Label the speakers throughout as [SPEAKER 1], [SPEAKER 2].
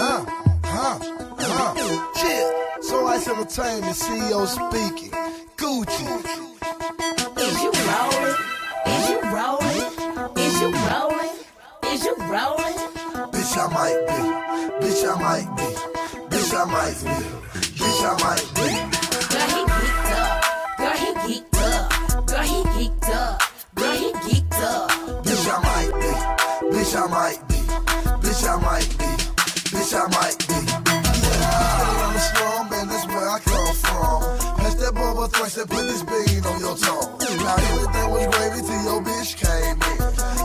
[SPEAKER 1] Uh huh, huh. Yeah. So I entertainment CEO speaking. Gucci, is you rolling? Is you rolling? Is you rolling? Is you rolling? Bitch, I might be. Bitch, I might be. Bitch, I might be. Bitch, I might be. Girl, he geeked up. Girl, he geeked up. Girl, he geeked up. Girl, he geeked up. Bitch, I might be. Bitch, I might be. Bitch, I might be. Bitch, I might be. I'm a slum, and that's where I come from. Pass that bubble thrice and put this bean on your tongue. Now everything was gravy till your bitch came in.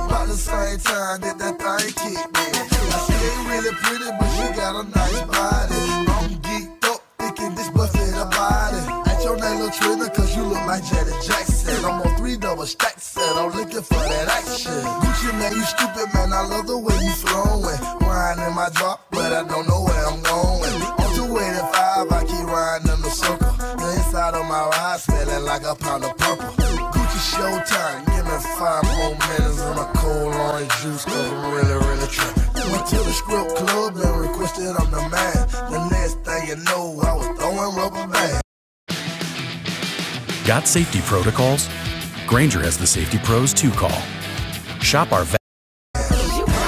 [SPEAKER 1] About the same time that that thing kicked me. Now she ain't really pretty, but she got a nice body. I'm geeked up, thinking this busted her body. Ain't your name Latrina, cause you look like Janet Jackson. I'm on three double stacks, and I'm looking for that action. Gucci man, you stupid man, I love the way you flowing. Wine in my drop, but I don't know where I'm going. On 285, I keep riding in the circle. The inside of my ride smelling like a pound of purple. Gucci Showtime, give me five more minutes and a cold orange juice, cause I'm really, really tripping. Went to the strip club and requested i the man. The next thing you know, I was throwing rubber bands. Got safety protocols? Granger has the safety pros to call. Shop our Creep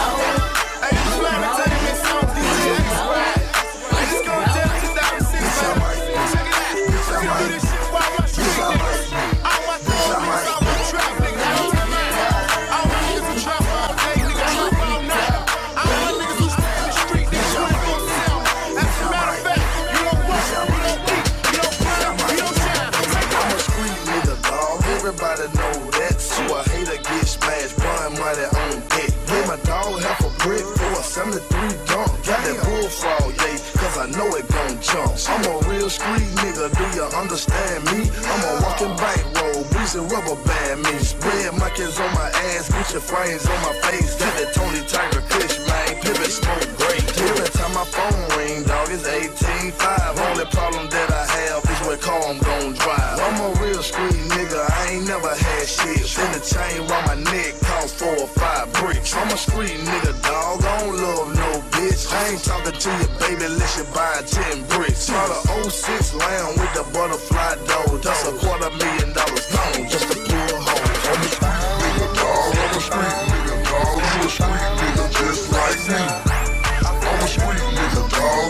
[SPEAKER 1] nigga dog, everybody know that. So a hater get smashed, run money on deck. Give my dog half a brick for a 73 dunk. Got that bullfrog, yeah, cause I know it gon' jump. I'm a real street nigga, do you understand me? I'm a walking bankroll, breezy rubber band me. Spread monkeys on my ass, Gucci frames on my face. Got that Tony Tiger Kush, man, pivot smoke great. Every time my phone ring, dog, it's 18.5. Only problem that I have Bitch, with car I'm gon' drive. I'm a real street nigga, I ain't never had shit. Spin the chain round my neck, cost four or five bricks. I'm a street nigga, dog. I don't love no bitch. I ain't talking to your baby unless you buy ten bricks. Call a '06 lamb with the butterfly dough. That's a quarter million dollars gone just to pull a hoe. I'm a,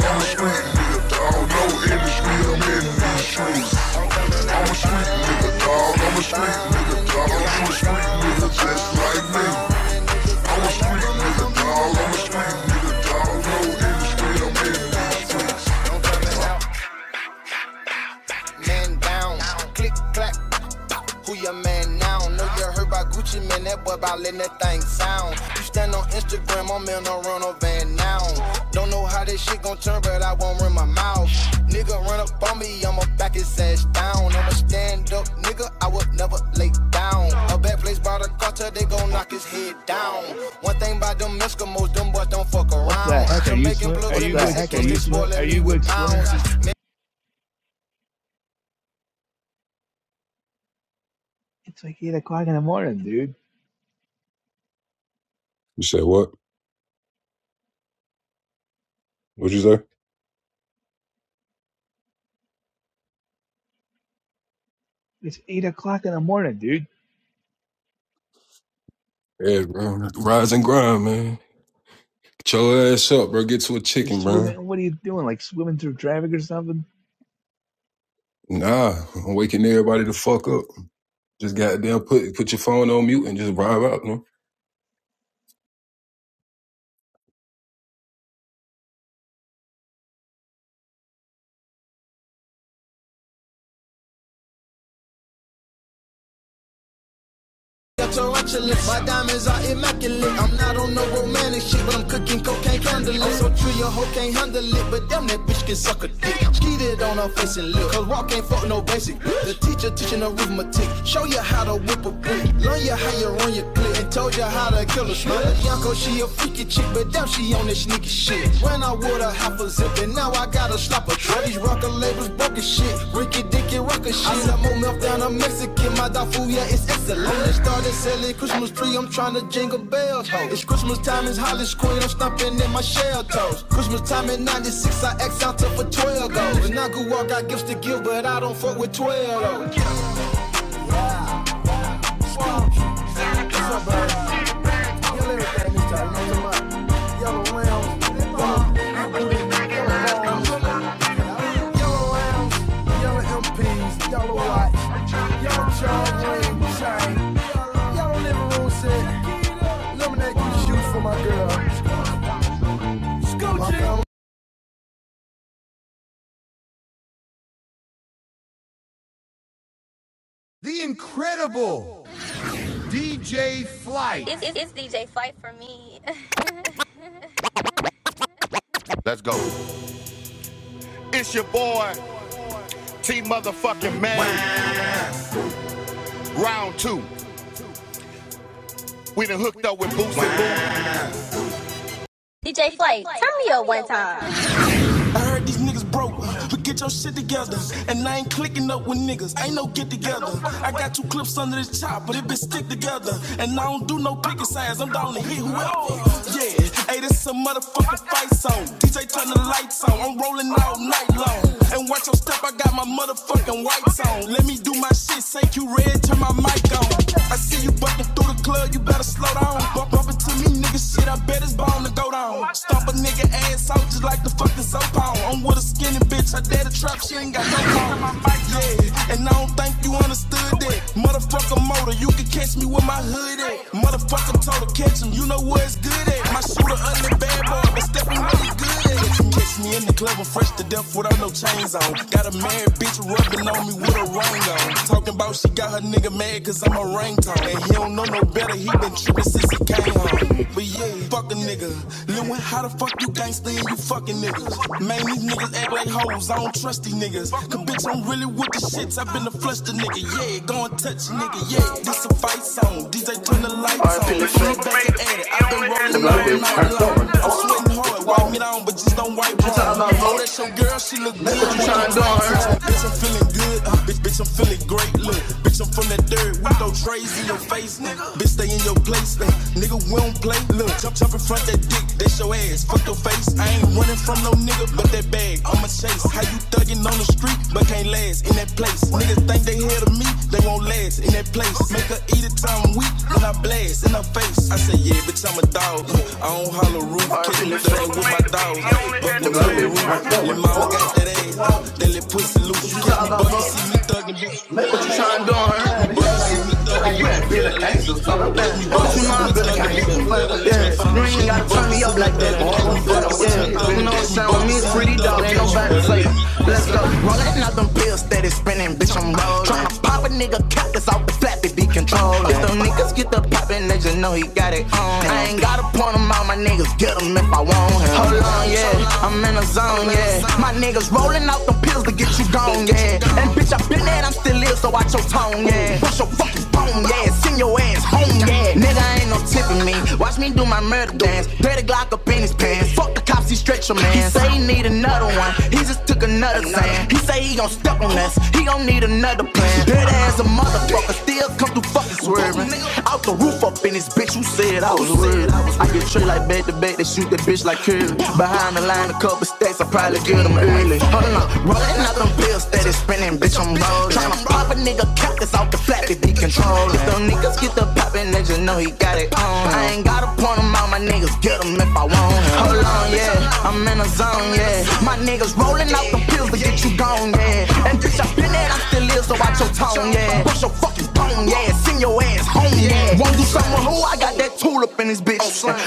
[SPEAKER 1] I'm a street nigga, dog. No industry, I'm in these streets. I'm a street nigga, dog. I'm a street nigga, dog. I'm a street nigga just like me. I'm a street nigga, dog. I'm a street nigga, dog. No industry, I'm in these streets. Man down, click clack, Who your man now? Know you heard by Gucci, man. That boy about letting that thing sound. You stand on Instagram, I'm in a rental van now. Don't know how this shit gon' turn, but I won't run my mouth. Nigga run up on me, I'ma back his ass down. I'ma stand up, nigga, I would never lay down. A bad place brought a carter, they gon' knock his head down. One thing about them Eskimos, them boys don't fuck
[SPEAKER 2] What the
[SPEAKER 1] around.
[SPEAKER 2] heck are you
[SPEAKER 1] Jamaican
[SPEAKER 2] swim?
[SPEAKER 1] plugs
[SPEAKER 2] Are
[SPEAKER 1] What and
[SPEAKER 2] you
[SPEAKER 1] the
[SPEAKER 2] like
[SPEAKER 1] heck are Mexicans, they you
[SPEAKER 2] swimming through?
[SPEAKER 1] Are me you with pounds.
[SPEAKER 2] It's like eight o'clock in the morning, dude.
[SPEAKER 3] You said what? What'd you say?
[SPEAKER 2] It's eight o'clock in the morning, dude.
[SPEAKER 3] Yeah, bro. Rise and grind, man. Get your ass up, bro. Get to a
[SPEAKER 2] You're
[SPEAKER 3] chicken, bro.
[SPEAKER 2] swimming. What are you doing? Like swimming through traffic or something?
[SPEAKER 3] Nah, I'm waking everybody the fuck up. Just goddamn put put your phone on mute and just vibe out, man.
[SPEAKER 1] on her face and look. Cause rock ain't fuck no basic. The teacher teaching arithmetic. Show you how to whip a brick. Learn you how you run your clip. And told you how to kill a slut. Yanko, she a freaky chick, but damn, she on this sneaky shit. Ran out with a half a zip, and now I gotta slap a trap. These rocker labels broke as shit. Ricky Dicky Rocker shit. I sell more milk down a Mexican. My dog yeah, it's excellent. They started selling Christmas tree. I'm trying to jingle bells. Ho. It's Christmas time, it's Hollis Queen. I'm stomping in my shell toes. Christmas time in 96, I X out to for 12 goals. And I grew up, got gifts to give, but I don't fuck with 12 though. With boots I heard these niggas broke, but get your shit together. And I ain't clicking up with niggas, ain't no get together. I got two clips under this chop, but it been stick together. And I don't do no picking sides, I'm down to hit whoever. Yeah, hey, this a motherfucking fight zone. DJ turn the lights on, I'm rolling all night long. And watch your step, I got my motherfucking whites on. Let me do my shit, say you red, turn my mic on. I see you bucking through the club, you better slow down. Bump up into me, nigga, shit, I bet it's bound to go down on. Stomp a nigga ass out just like the fucking soap on. I'm with a skinny bitch, her daddy trap, she ain't got no phone. Yeah, and I don't think you understood that. Motherfucker motor, you can catch me with my hood at. Motherfucker total catch him, you know where it's good at. My shooter ugly bad boy, but stepping really good. Catch me in the club, I'm fresh to death without no chains on. Got a married bitch rubbing on me with a ring on. Talking about she got her nigga mad cause I'm a ringtone. And he don't know no better, he been tripping since he came home. But yeah, fuck a nigga. Lewin, how the fuck you gangsta and you fucking niggas? Man, these niggas act like hoes, I don't trust these niggas. Cause bitch, I'm really with the shits, I've been a flush the nigga. Yeah, go and touch a nigga, yeah. This a fight song, DJ turn the lights on. Flip back and add it, I've been rolling all night long. I'm sweating hard hard. Wipe me down, but just don't wipe hard. Oh, that's your girl, she look good. what you trying to do, huh? Bitch, I'm feeling good. Uh, bitch, bitch, I'm feeling great. Look, bitch, I'm from that dirt. We throw trays in your face, nigga. Bitch, stay in your place, nigga. Nigga, we don't play. Look, jump, jump in front that dick. That's your ass. Fuck your face. I ain't running from no nigga, but that bag. I'ma chase. How you thuggin' on the street, but can't last in that place. Niggas think they ahead of me, they won't last in that place. Make her eat it till I'm weak, then I blast in her face. I say, yeah, bitch, I'm a dog. I don't holler roof, kicking the dog with my dog. Up the roof, let my own got that ass. That little pussy loose, you can't be bugging, see me thuggin', bitch. Green gotta turn me up like that. Yeah, you know what I'm saying? With me, it's pretty dog. Ain't nobody play. Let's go. Rollin' out them pills steady spinning, bitch. I'm rollin'. Tryna pop a nigga cap that's off the flat to be controlled. If them niggas get the poppin', they just know he got it on. I ain't gotta point him out, my nigga, if I want him. Hold on, yeah. I'm in a zone, yeah. My niggas rollin' out them pills to get you gone, yeah. And bitch, I been there, I'm still here, so watch your tone, yeah. Push your fucking bone, yeah. Send your ass home, yeah. Nigga, ain't no tipping me. Watch me do my murder. Better ass. Fuck with your man. He nuts, a pet as a motherfucker swerving. It all was weird. I like curly, trying to cut them early. Hold on, rollin' that is Spanish, I'm rollin'. Tryna pop a nigga cap that's off the flat that he If Them niggas get the poppin', they just know he got it on. I ain't gotta point him out, my niggas get him if I want him. Hold on, yeah, I'm in a zone, yeah. My niggas rollin' out the pills to get you gone, yeah. And this your thin ass, I still live, so watch your tongue, yeah. Bust your fucking bone, yeah. Send your ass home, yeah. Wanna do something with who? I got that tulip in this bitch.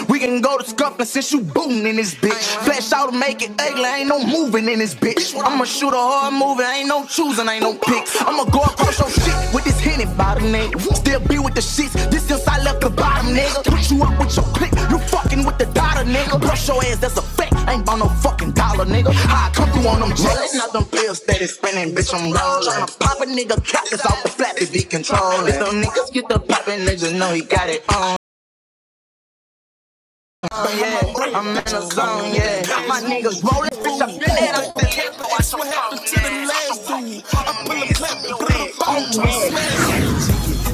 [SPEAKER 1] We can go to scuffling since you booting in this bitch. Flash out to make it ugly, ain't no moving in this bitch. I'ma shoot a hard movie, ain't no choosing, ain't no picks. I'ma go across your shit with this henny by the neck. Still be with the shits. This since I left the bottom, nigga. Put you up with your clique, you fucking with the daughter, nigga. Brush your ass, that's a fact. Ain't bout no fucking dollar, nigga. How I come through on them jealous, not them pills that is spinning, bitch. I'm low. Tryna pop a nigga cap, that's off the flat to be controlled. If them niggas get the poppin', niggas know he got it on. Yeah, I'm in the zone, yeah. My niggas rollin', bitch, I'm dead. I'm dead. I swear to the last. I pull a clap and put it on to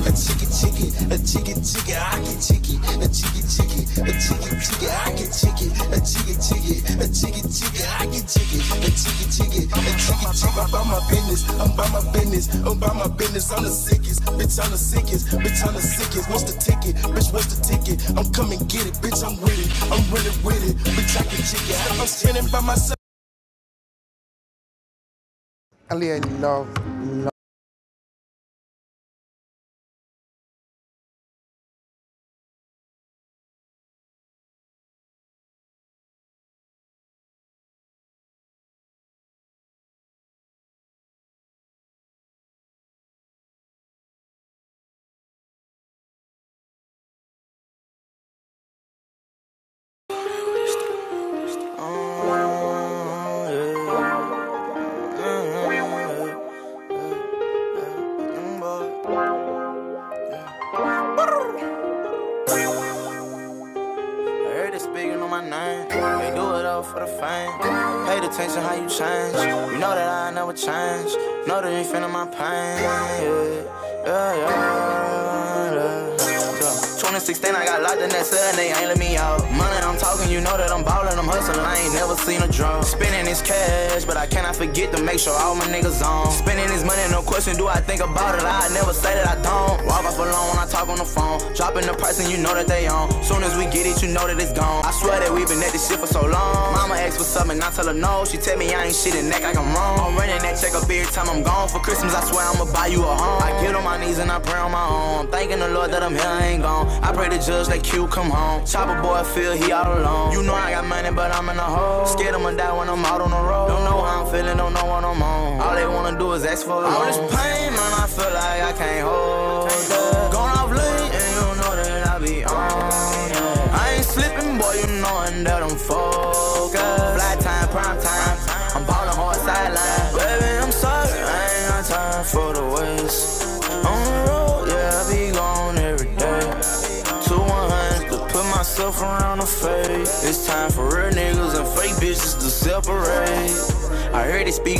[SPEAKER 1] A chicken, chicken, a chicken, chicken, I get chicken, a chicken, chicken, a chicken, chicken, I get chicken, a chicken, chicken, a chicken, chicken, I get chicken, a chicken, chicken, a chicken, chicken. I'm by my business, I'm by my business, I'm by my business. I'm the sickest, bitch. I'm the sickest, bitch. I'm the sickest. What's the ticket, bitch? What's the ticket? I'm coming get it, bitch. I'm with it, I'm really with it, bitch. I get chicken. I'm standing by myself. I heard they speaking on my name. They do it all for the fame. Pay attention how you change. You know that I never change. Know that you feeling my pain. Yeah, yeah, yeah. yeah. yeah. 2016, I got locked in that cell and they ain't let me out. Money, I'm talking, you know that I'm ballin', I'm hustling, I ain't never seen a drum. Spending this cash, but I cannot forget to make sure all my niggas on. Spending this money, no question, do I think about it? I never say that I don't. Walk off alone when I talk on the phone phone. Dropping the price and you know that they on. Soon as we get it, you know that it's gone. I swear that we have been at this shit for so long. Mama asks what's up and I tell her no. She tell me I ain't shit and act like I'm wrong. I'm running that check up every time I'm gone. For Christmas, I swear I'ma buy you a home. I get on my knees and I pray on my own. I'm thanking the Lord that I'm here, I ain't gone. I pray the judge that Q come home. Chopper boy, feel he all alone. You know I got money, but I'm in a hole. Scared I'ma die when I'm out on the road. Don't know how I'm feeling, don't know what I'm on. All they they wanna do is ask for it. All this pain, man, I feel like I can't hold it. Gone off late, and you know that I be on it. I ain't slipping, boy, you knowin' that I'm focused. Fly time, prime time, I'm ballin' hard sideline. Baby, I'm sorry, I ain't got time for the waste. On the road, yeah, I be gone every day. Two one hundred put myself around the fade. It's time for real niggas and fake bitches to separate. I heard they speaking